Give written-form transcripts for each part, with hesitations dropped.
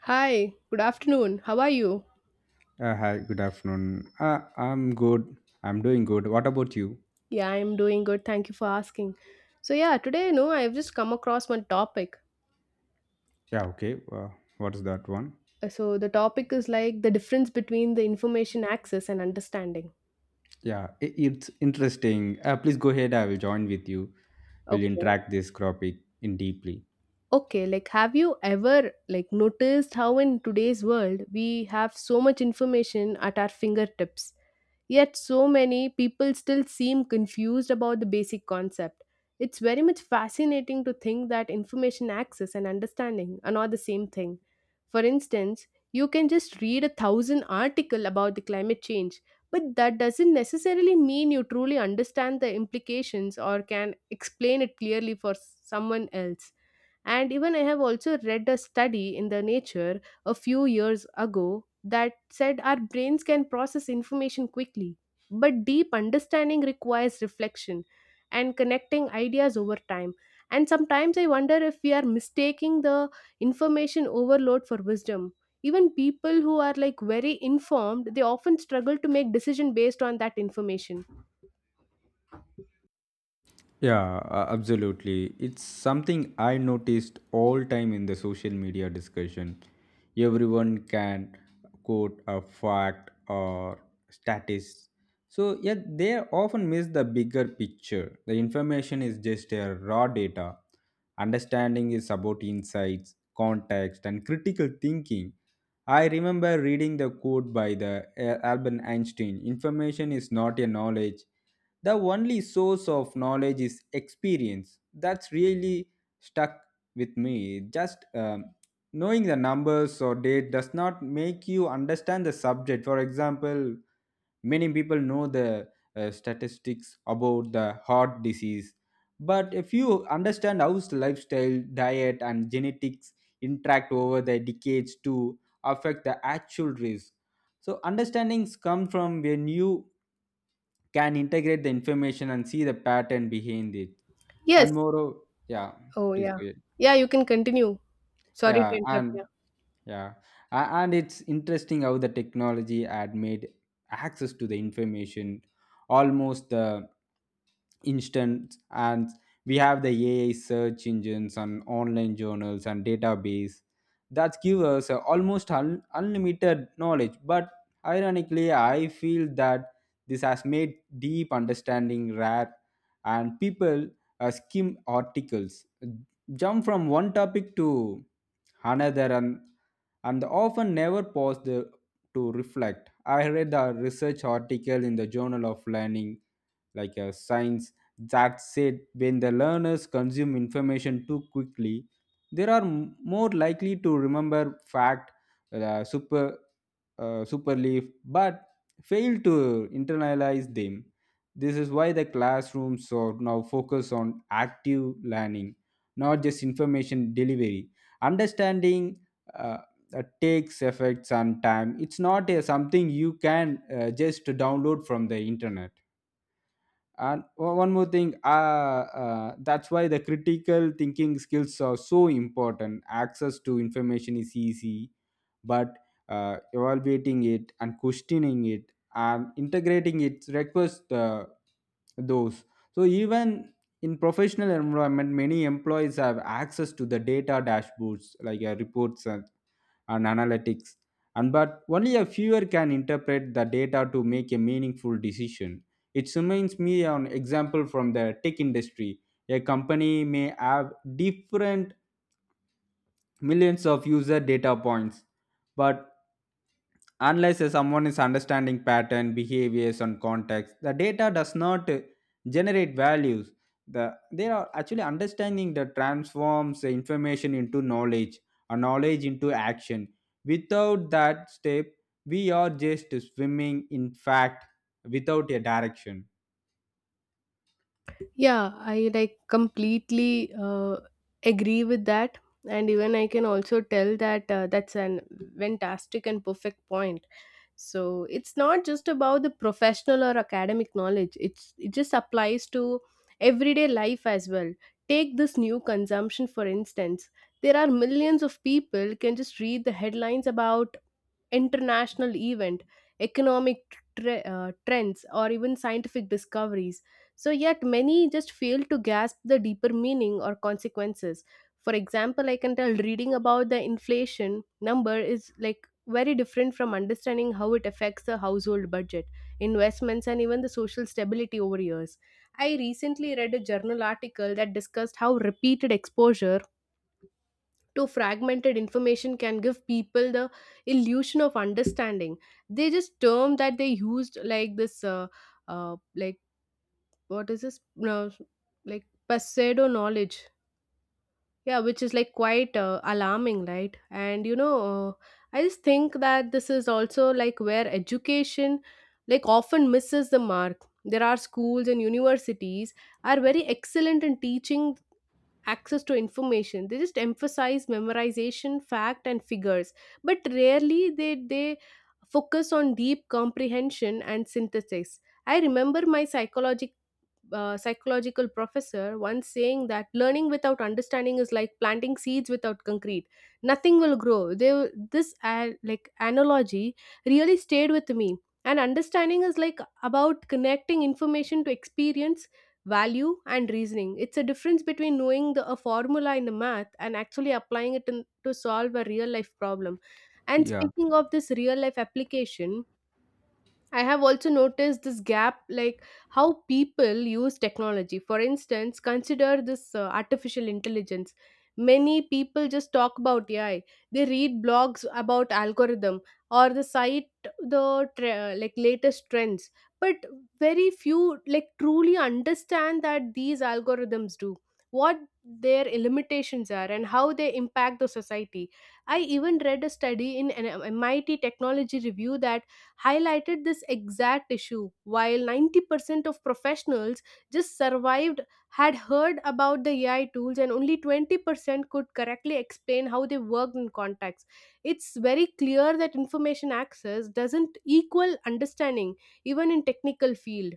Hi, good afternoon. How are you? Hi, good afternoon. I'm good. I'm doing good. What about you? Yeah, I'm doing good. Thank you for asking. So yeah, today, I've just come across one topic. Yeah, okay. What's that one? So the topic is like the difference between the information access and understanding. Yeah, it's interesting. Please go ahead. I will join with you. We'll Okay. interact this topic in deeply. Okay, like have you ever like noticed how in today's world we have so much information at our fingertips, yet so many people still seem confused about the basic concept? It's very much fascinating to think that information access and understanding are not the same thing. For instance, you can just read a thousand article about the climate change, but that doesn't necessarily mean you truly understand the implications or can explain it clearly for someone else. And even I have also read a study in the Nature a few years ago that said our brains can process information quickly, but deep understanding requires reflection and connecting ideas over time. And sometimes I wonder if we are mistaking the information overload for wisdom. Even people who are like very informed, they often struggle to make decision based on that information. Yeah, absolutely. It's something I noticed all time in the social media discussion. Everyone can quote a fact or status. So yeah, they often miss the bigger picture. The information is just a raw data. Understanding is about insights, context, and critical thinking. I remember reading the quote by the Albert Einstein: "Information is not a knowledge; the only source of knowledge is experience. That's really stuck with me." Just knowing the numbers or date does not make you understand the subject. For example, many people know the statistics about the heart disease. But if you understand how lifestyle, diet, and genetics interact over the decades to affect the actual risk, so understandings come from when you can integrate the information and see the pattern behind it. Yes. And moreover, yeah, Oh please yeah. go ahead. Yeah, you can continue. Sorry to Yeah, interrupt. and Yeah. yeah, and it's interesting how the technology had made access to the information almost the instant, and we have the ai search engines and online journals and database that give us a almost unlimited knowledge. But ironically, I feel that this has made deep understanding rare, and people skim articles, jump from one topic to another, and often never pause to reflect. I read a research article in the journal of learning like a science that said when the learners consume information too quickly, they are more likely to remember fact super super but fail to internalize them. This is why the classrooms are now focus on active learning, not just information delivery. Understanding uh, takes effects and time. It's not a, something you can just download from the internet. And one more thing, that's why the critical thinking skills are so important. Access to information is easy, but evaluating it and questioning it and integrating it requires those. So even in professional environment, many employees have access to the data dashboards, like reports and analytics, and but only a fewer can interpret the data to make a meaningful decision. It reminds me an example from the tech industry. A company may have different millions of user data points, but unless someone is understanding pattern, behaviors, and context, the data does not generate values. They are actually understanding that transforms the information into knowledge, or knowledge into action. Without that step, we are just swimming in fact without a direction. Yeah, I like completely agree with that. And even I can also tell that that's an fantastic and perfect point. So it's not just about the professional or academic knowledge. It's it just applies to everyday life as well. Take this new consumption for instance. There are millions of people can just read the headlines about international event, economic trends, or even scientific discoveries. So, yet many just fail to grasp the deeper meaning or consequences. For example, I can tell reading about the inflation number is like very different from understanding how it affects the household budget, investments, and even the social stability over years. I recently read a journal article that discussed how repeated exposure to fragmented information can give people the illusion of understanding. They just term that they used like this like what is this no, like pseudo knowledge, yeah, which is like quite alarming, right? And I just think that this is also like where education like often misses the mark. There are schools and universities are very excellent in teaching access to information. They just emphasize memorization fact and figures, but rarely they focus on deep comprehension and synthesis. I remember my psychology psychological professor once saying that learning without understanding is like planting seeds without concrete. Nothing will grow. This like analogy really stayed with me. And understanding is like about connecting information to experience, value and reasoning. It's a difference between knowing a formula in the math and actually applying it to solve a real life problem. And Yeah. speaking of this real life application, I have also noticed this gap, like how people use technology. For instance, consider this artificial intelligence. Many people just talk about AI. They read blogs about algorithm or the site, the tre- like latest trends. But very few like truly understand that these algorithms do what their limitations are and how they impact the society. I even read a study in an MIT Technology Review that highlighted this exact issue. While 90% of professionals just survived had heard about the AI tools and only 20% could correctly explain how they worked in context. It's very clear that information access doesn't equal understanding even in technical field.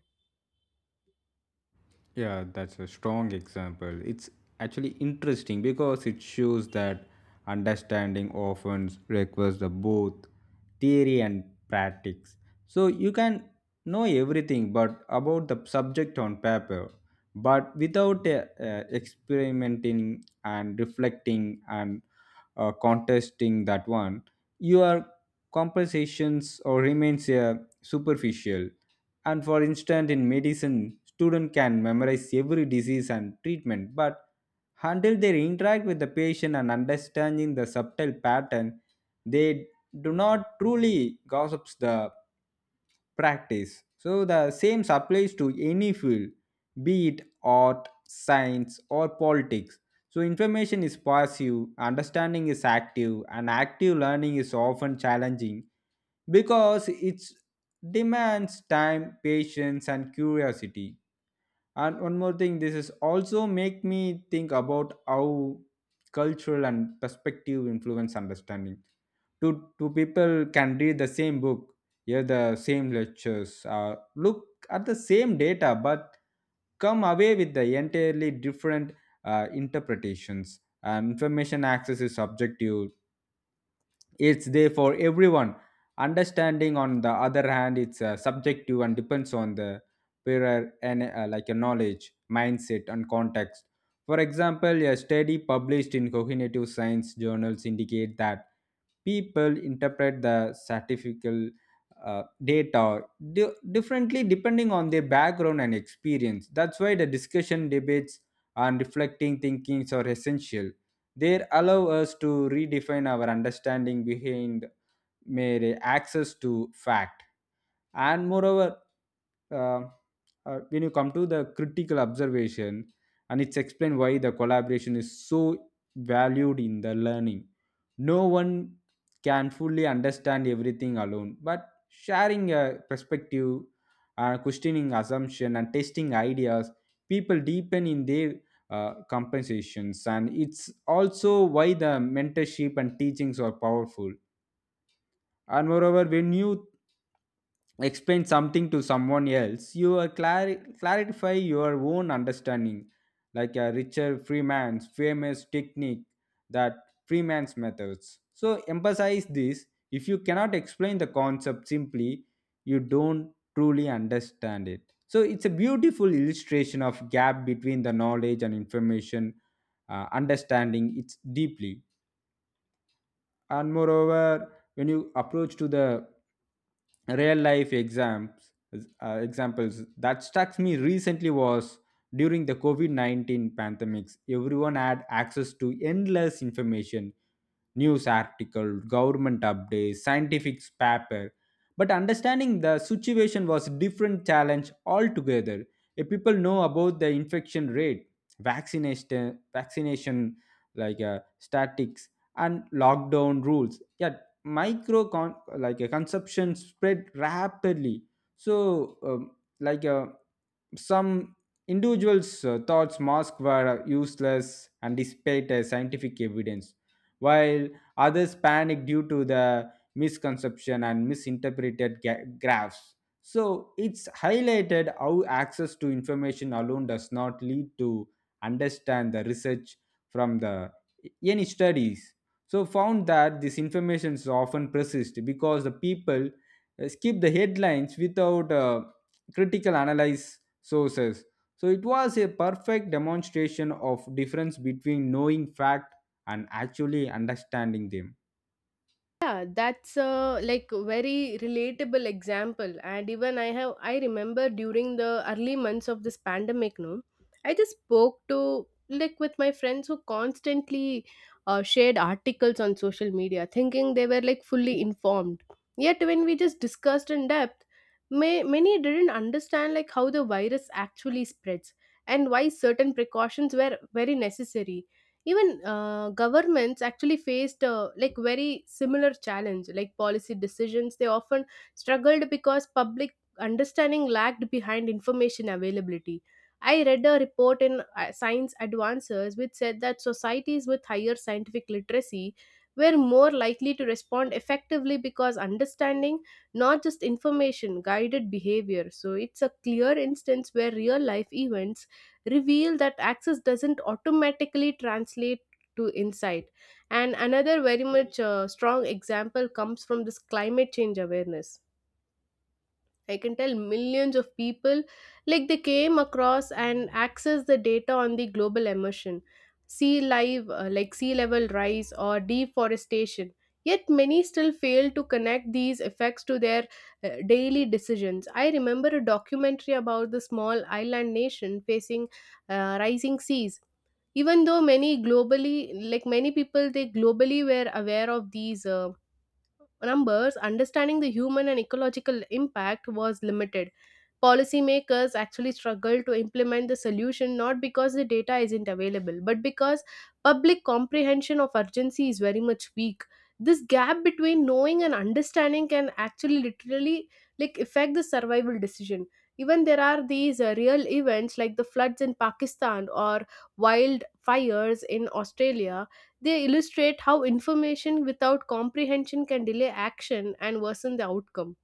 Yeah, that's a strong example. It's actually interesting because it shows that understanding often requires the both theory and practice. So you can know everything but about the subject on paper, but without experimenting and reflecting and contesting that one, your conversations or remains superficial. And for instance, in medicine, student can memorize every disease and treatment, but until they interact with the patient and understanding the subtle pattern, they do not truly gossips the practice. So the same applies to any field, be it art, science, or politics. So information is passive, understanding is active, and active learning is often challenging because it demands time, patience, and curiosity. And one more thing, this is also make me think about how cultural and perspective influence understanding. Two people can read the same book, hear the same lectures, look at the same data, but come away with the entirely different interpretations. And information access is subjective, it's there for everyone. Understanding on the other hand, it's subjective and depends on the prior and like a knowledge, mindset, and context. For example, a study published in cognitive science journals indicate that people interpret the statistical data differently depending on their background and experience. That's why the discussion, debates, and reflecting thinkings are essential. They allow us to redefine our understanding behind mere access to fact. And moreover, uh, when you come to the critical observation, and it's explained why the collaboration is so valued in the learning. No one can fully understand everything alone, but sharing a perspective, questioning assumption, and testing ideas, people deepen in their compensations. And it's also why the mentorship and teachings are powerful. And moreover, when you explain something to someone else, you are clarify your own understanding, like a richard freeman's famous technique. That freeman's methods so emphasize this: if you cannot explain the concept simply, you don't truly understand it. So it's a beautiful illustration of gap between the knowledge and information. Understanding it's deeply. And moreover, when you approach to the real life exams, examples that struck me recently was during the covid-19 pandemics, everyone had access to endless information: news article, government updates, scientific paper. But understanding the situation was different challenge altogether. If people know about the infection rate, vaccination like statics and lockdown rules. Yet like a consumption spread rapidly. So like a some individuals thought masks were useless and despite scientific evidence, while others panicked due to the misconception and misinterpreted graphs. So it's highlighted how access to information alone does not lead to understand the research from the any studies. So found that this information is often persist because the people skip the headlines without critical analysis sources, so it was a perfect demonstration of difference between knowing fact and actually understanding them. Yeah, that's a like very relatable example, and even I remember during the early months of this pandemic, no, I just spoke to like with my friends who constantly shared articles on social media thinking they were like fully informed. Yet when we just discussed in depth, many didn't understand like how the virus actually spreads and why certain precautions were very necessary. Even governments actually faced like very similar challenge like policy decisions. They often struggled because public understanding lagged behind information availability. I read a report in Science Advances which said that societies with higher scientific literacy were more likely to respond effectively because understanding, not just information, guided behavior. So it's a clear instance where real life events reveal that access doesn't automatically translate to insight. And another very much strong example comes from this climate change awareness. I can tell millions of people like they came across and access the data on the global emission, sea live like sea level rise or deforestation. Yet many still fail to connect these effects to their daily decisions. I remember a documentary about the small island nation facing rising seas. Even though many globally like many people they globally were aware of these numbers, understanding the human and ecological impact was limited. Policymakers actually struggle to implement the solution not because the data isn't available but because public comprehension of urgency is very much weak. This gap between knowing and understanding can actually literally like affect the survival decision. Even there are these real events like the floods in Pakistan or wildfires in Australia. They illustrate how information without comprehension can delay action and worsen the outcome.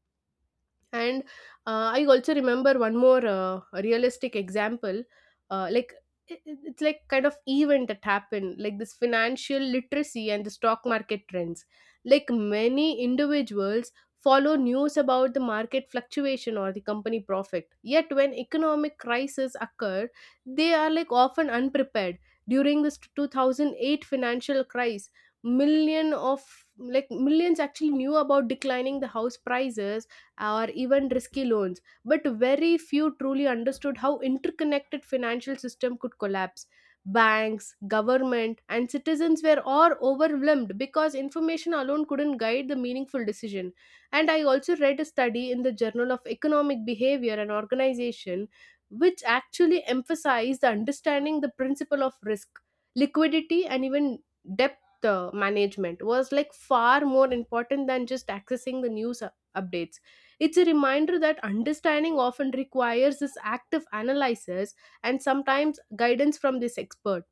And I also remember one more realistic example, uh, like it's like kind of event that happened, like this financial literacy and the stock market trends. Like many individuals follow news about the market fluctuation or the company profit. Yet when economic crises occur, they are like often unprepared. During this 2008 financial crisis, million of like millions actually knew about declining the house prices or even risky loans, but very few truly understood how interconnected financial system could collapse. Banks, government and citizens were all overwhelmed because information alone couldn't guide the meaningful decision. And I also read a study in the Journal of Economic Behavior and Organization which actually emphasized the understanding the principle of risk, liquidity and even depth management was like far more important than just accessing the updates. It's a reminder that understanding often requires this active analysis and sometimes guidance from this expert.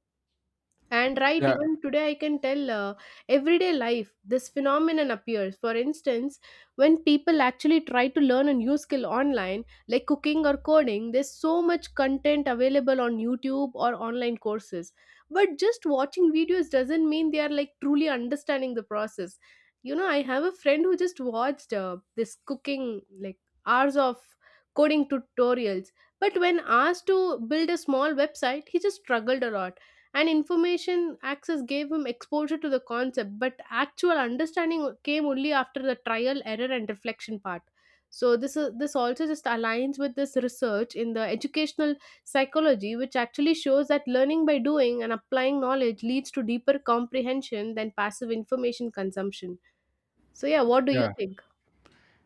And right, Yeah, even today I can tell everyday life this phenomenon appears. For instance, when people actually try to learn a new skill online, like cooking or coding, there's so much content available on YouTube or online courses. But just watching videos doesn't mean they are like truly understanding the process. You know, I have a friend who just watched this cooking, like hours of coding tutorials. But when asked to build a small website, he just struggled a lot. And information access gave him exposure to the concept, but actual understanding came only after the trial error and reflection part. So this is this also just aligns with this research in the educational psychology which actually shows that learning by doing and applying knowledge leads to deeper comprehension than passive information consumption. So yeah, what do you yeah. think?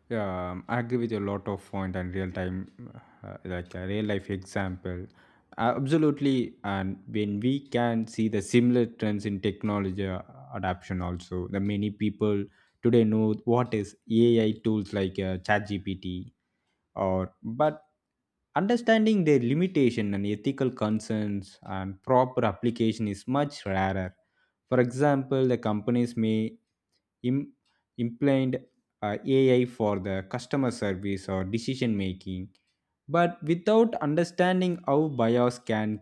Yeah, I agree with a lot of point and real time, like a real life example. Absolutely, and when we can see the similar trends in technology adoption, also the many people today know what is AI tools like ChatGPT, or but understanding their limitation and ethical concerns and proper application is much rarer. For example, the companies may Im- implement AI for the customer service or decision making, but without understanding how bias can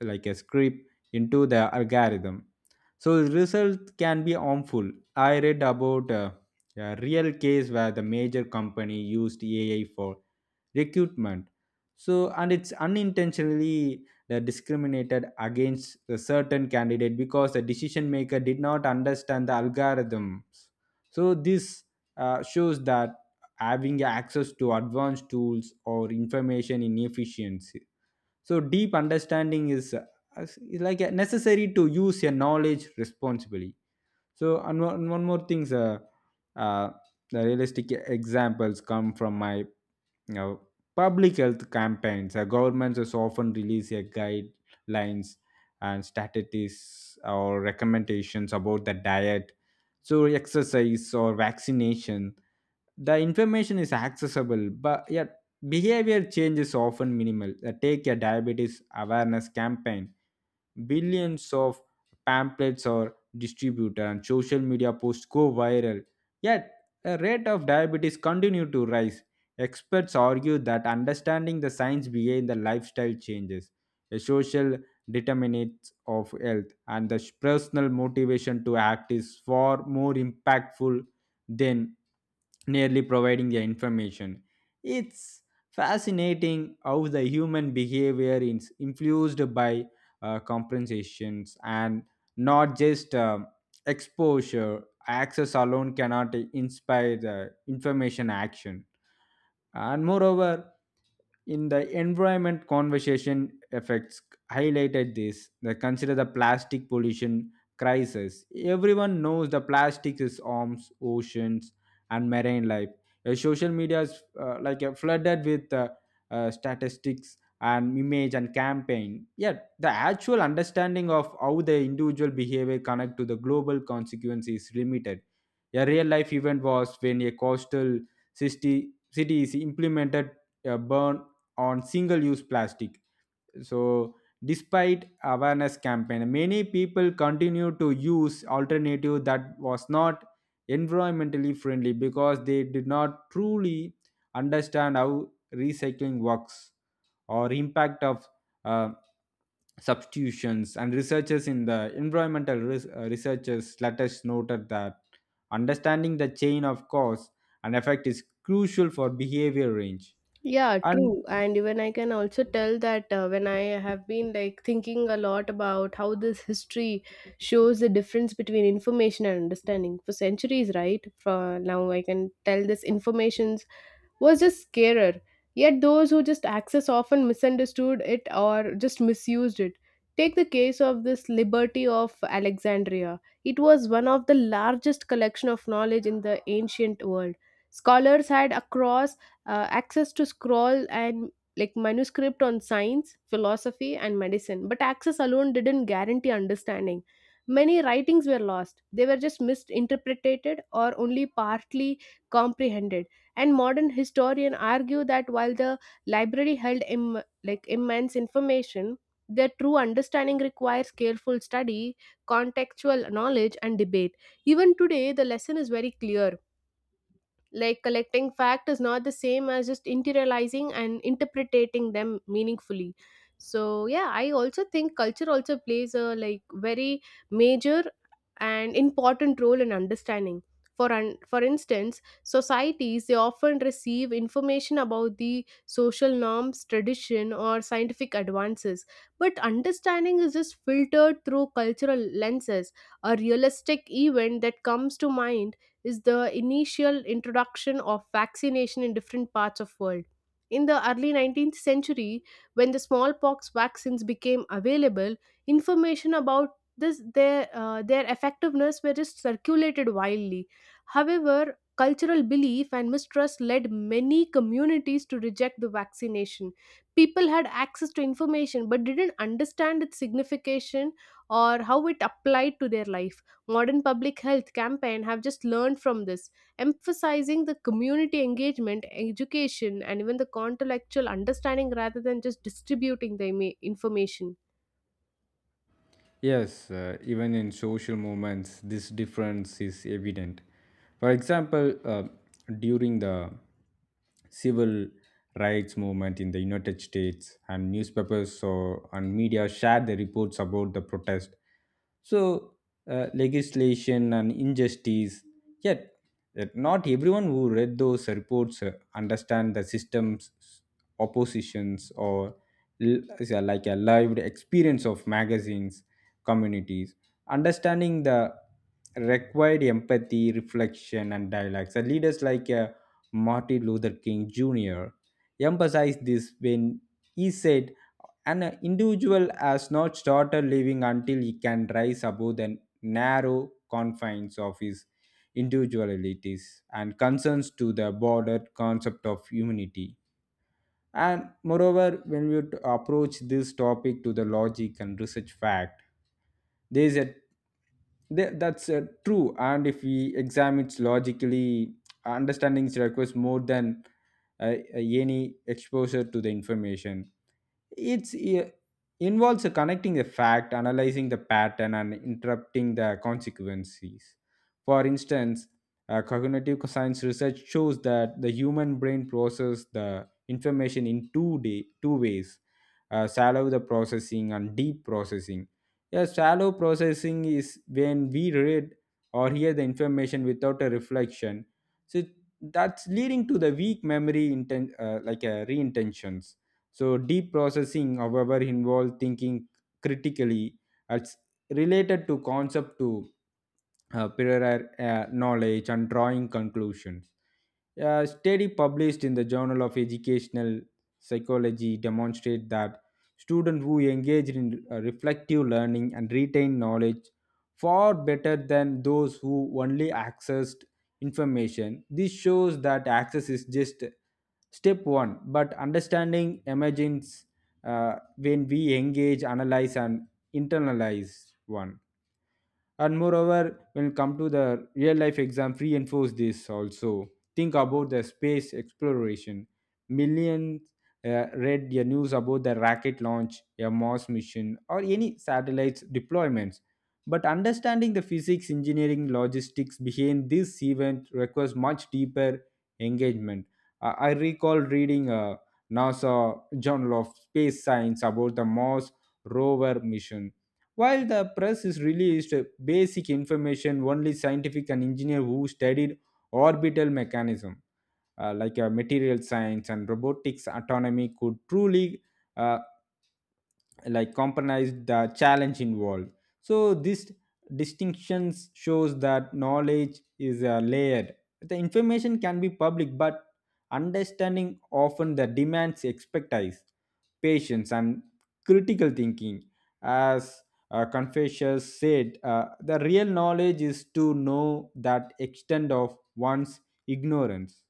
like a script into the algorithm. So the result can be harmful. I read about a real case where the major company used AI for recruitment. So and it's unintentionally discriminated against a certain candidate because the decision maker did not understand the algorithms. So this shows that having access to advanced tools or information in efficiency. So deep understanding is like a necessary to use your knowledge responsibly. So and one more thing, uh, the realistic examples come from my know, public health campaigns. Governments has often release their guidelines and strategies or recommendations about the diet, so exercise or vaccination. The information is accessible, but yet behavior change is often minimal. Take a diabetes awareness campaign. Billions of pamphlets are distributed and social media posts go viral, yet the rate of diabetes continue to rise. Experts argue that understanding the science behind the lifestyle changes, the social determinants of health, and the personal motivation to act is far more impactful than nearly providing the information. It's fascinating how the human behavior is influenced by compensations and not just exposure. Access alone cannot inspire the information action. And moreover, in the environment conversation effects highlighted this, they consider the plastic pollution crisis. Everyone knows the plastic is arms oceans and marine life. Social media is like flooded with statistics and image and campaign, yet the actual understanding of how the individual behavior connect to the global consequence is limited. A real life event was when a coastal city is implemented a ban on single-use plastic. So, despite awareness campaign, many people continue to use alternative that was not environmentally friendly because they did not truly understand how recycling works or impact of uh, substitutions. And researchers in the environmental researchers let us noted that understanding the chain of cause and effect is crucial for behavior range Yeah, and true. And even I can also tell that when I have been like thinking a lot about how this history shows the difference between information and understanding for centuries, right? For now, I can tell this informations was just scarer. Yet those who just access often misunderstood it or just misused it. Take the case of this Liberty of Alexandria. It was one of the largest collection of knowledge in the ancient world. Scholars had across access to scroll and like manuscript on science, philosophy, and medicine, but access alone didn't guarantee understanding. Many writings were lost. They were just misinterpreted or only partly comprehended. And modern historians argue that while the library held like immense information, their true understanding requires careful study, contextual knowledge and debate. Even today the lesson is very clear, like collecting fact is not the same as just interiorizing and interpreting them meaningfully. So yeah, I also think culture also plays a like very major and important role in understanding. For instance, societies they often receive information about the social norms, tradition, or scientific advances. But understanding is just filtered through cultural lenses. A realistic event that comes to mind is the initial introduction of vaccination in different parts of world. In the early 19th century, when the smallpox vaccines became available, information about this their effectiveness were just circulated widely. However, cultural belief and mistrust led many communities to reject the vaccination. People had access to information but didn't understand its signification or how it applied to their life. Modern public health campaign have just learned from this, emphasizing the community engagement, education, and even the contextual understanding rather than just distributing the information. yes, even in social movements, this difference is evident. For example, during the civil rights movement in the United States, and newspapers so, and media shared the reports about the protest. So, legislation and injustice. Yet, yet not everyone who read those reports understand the system's oppositions or is like a lived experience of magazines communities. Understanding the required empathy, reflection, and dialogue. So leaders like Martin Luther King Jr. emphasized this when he said, "An individual has not started living until he can rise above the narrow confines of his individualities and concerns to the broader concept of humanity." And moreover, when we approach this topic to the logic and research fact, there is a Th- That's true. And if we examine it logically, understanding requires more than any exposure to the information. it's i- involves connecting the fact, analyzing the pattern, and interrupting the consequences. For instance, cognitive science research shows that the human brain processes the information in two ways: shallow the processing and deep processing. Yeah, shallow processing is when we read or hear the information without a reflection, so that's leading to the weak memory reintentions. So deep processing, however, involves thinking critically as related to concept to prior knowledge and drawing conclusions. A study published in the Journal of Educational Psychology demonstrate that students who engage in reflective learning and retain knowledge far better than those who only accessed information. This shows that access is just step one, but understanding emerges when we engage, analyze, and internalize one. And moreover, when it come to the real life exam reinforce this also, think about the space exploration. Millions read the news about the rocket launch, a Mars mission, or any satellites deployments, but understanding the physics engineering logistics behind this event requires much deeper engagement. I recall reading a NASA journal of space science about the Mars rover mission. While the press is released basic information, only scientific and engineer who studied orbital mechanism, material science, and robotics autonomy could truly uh, like compromise the challenge involved. So this distinctions shows that knowledge is layered. The information can be public, but understanding often the demands expertise, patience, and critical thinking. As Confucius said, the real knowledge is to know that extent of one's ignorance.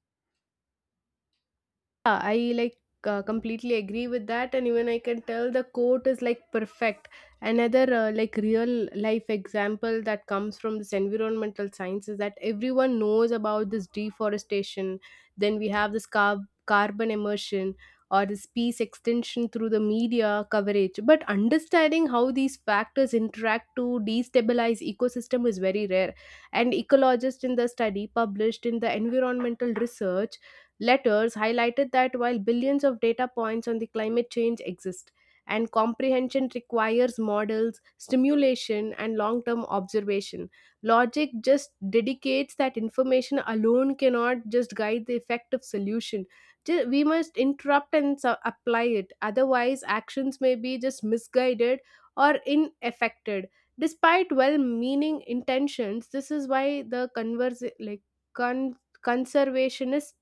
Yeah, I like completely agree with that, and even I can tell the quote is like perfect. Another like real life example that comes from this environmental science is that everyone knows about this deforestation. Then we have this carbon immersion or this peace extension through the media coverage. But understanding how these factors interact to destabilize ecosystem is very rare. And ecologists in the study published in the Environmental Research Letters highlighted that while billions of data points on the climate change exist and comprehension requires models stimulation and long-term observation, logic just dedicates that information alone cannot just guide the effective solution. We must interrupt and apply it, otherwise actions may be just misguided or ineffected despite well-meaning intentions. This is why the con- conservationists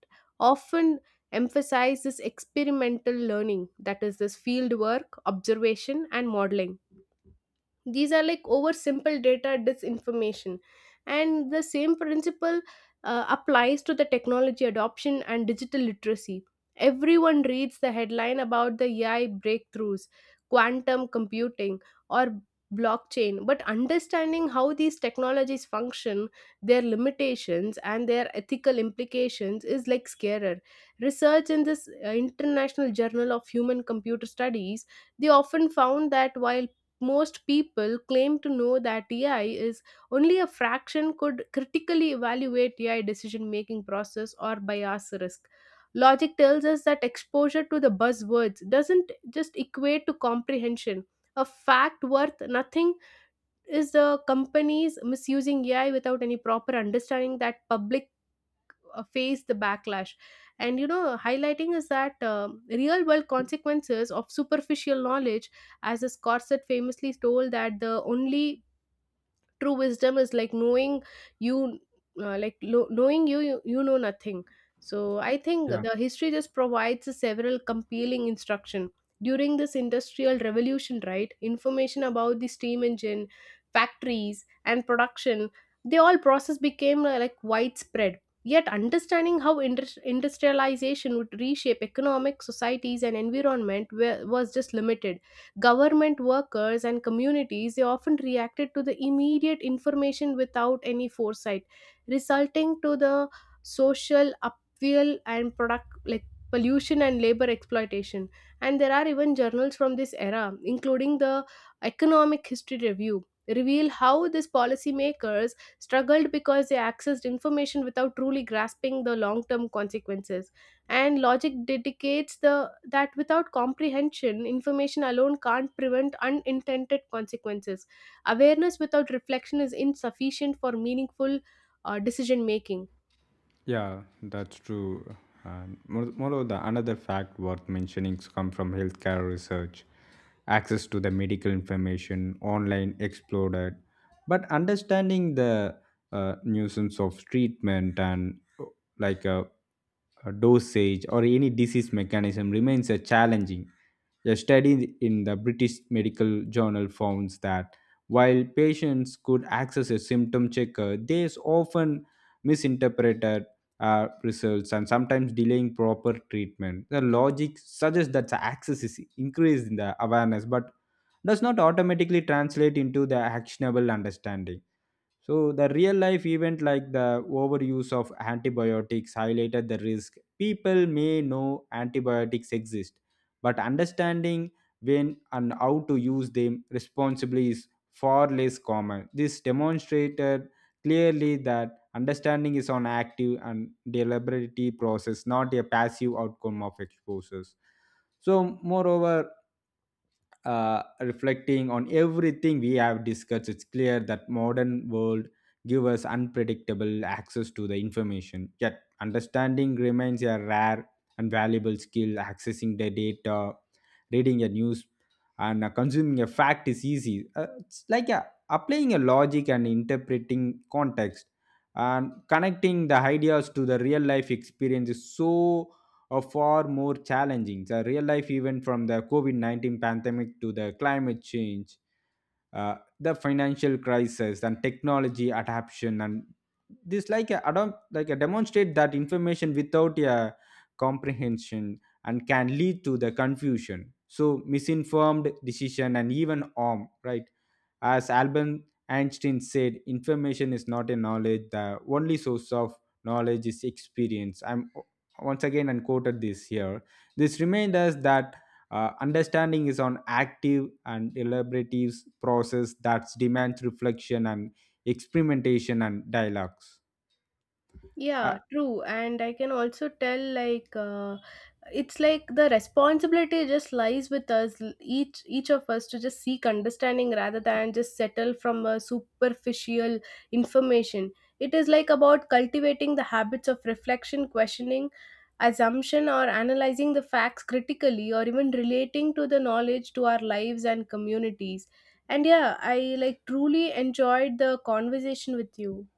often emphasize this experimental learning, that is this field work observation and modeling. These are like over simple data disinformation. And the same principle applies to the technology adoption and digital literacy. Everyone reads the headline about the AI breakthroughs, quantum computing or blockchain, but understanding how these technologies function, their limitations and their ethical implications is like scarer. Research in this international journal of human computer studies they often found that while most people claim to know that AI is, only a fraction could critically evaluate AI decision making process or bias risk. Logic tells us that exposure to the buzzwords doesn't just equate to comprehension. A fact worth nothing is the companies misusing AI without any proper understanding that public face the backlash. And you know highlighting is that real world consequences of superficial knowledge. As the Scorsese famously told that the only true wisdom is like knowing you knowing you know nothing. So I think Yeah. the history just provides a several compelling instruction during this industrial revolution, right? Information about the steam engine, factories and production, they all process became like widespread. Yet understanding how industrialization would reshape economic societies and environment was just limited. Government workers and communities they often reacted to the immediate information without any foresight, resulting to the social upheaval and product like pollution and labor exploitation. And there are even journals from this era, including the Economic History Review, reveal how these policymakers struggled because they accessed information without truly grasping the long term consequences. And logic dedicates the that without comprehension, information alone can't prevent unintended consequences. Awareness without reflection is insufficient for meaningful decision making. Yeah, that's true. And moreover, the another fact worth mentioning comes from healthcare research. Access to the medical information online exploded, but understanding the nuisance of treatment and like a, a dosage or any disease mechanism remains a challenging. A study in the British Medical Journal found that while patients could access a symptom checker, they often misinterpreted results and sometimes delaying proper treatment. The logic suggests that the access is increased in the awareness, but does not automatically translate into the actionable understanding. So the real life event like the overuse of antibiotics highlighted the risk. People may know antibiotics exist, but understanding when and how to use them responsibly is far less common. This demonstrated clearly that understanding is an active and deliberate process, not a passive outcome of exposures. So moreover, reflecting on everything we have discussed, it's clear that modern world give us unpredictable access to the information, yet understanding remains a rare and valuable skill. Accessing the data, reading a news, and consuming a fact is easy. It's like applying a logic and interpreting context and connecting the ideas to the real life experience is so are far more challenging. The real life event from the COVID-19 pandemic to the climate change, the financial crisis, and technology adaptation. And this, like a demonstrate that information without a comprehension and can lead to the confusion. So, misinformed decision and even harm, right? As Albert Einstein said, information is not a knowledge. The only source of knowledge is experience. I'm once again unquoted this here. This reminds us that understanding is an active and elaborative process that demands reflection and experimentation and dialogues. Uh, Yeah, true. And I can also tell, like, it's like the responsibility just lies with us, each of us, to just seek understanding rather than just settle from a superficial information. It is like about cultivating the habits of reflection, questioning, assumption, or analyzing the facts critically, or even relating to the knowledge to our lives and communities. And yeah, I like truly enjoyed the conversation with you.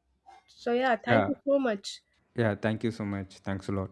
So yeah, thank yeah, you so much. yeah. Thank you so much. Thanks a lot.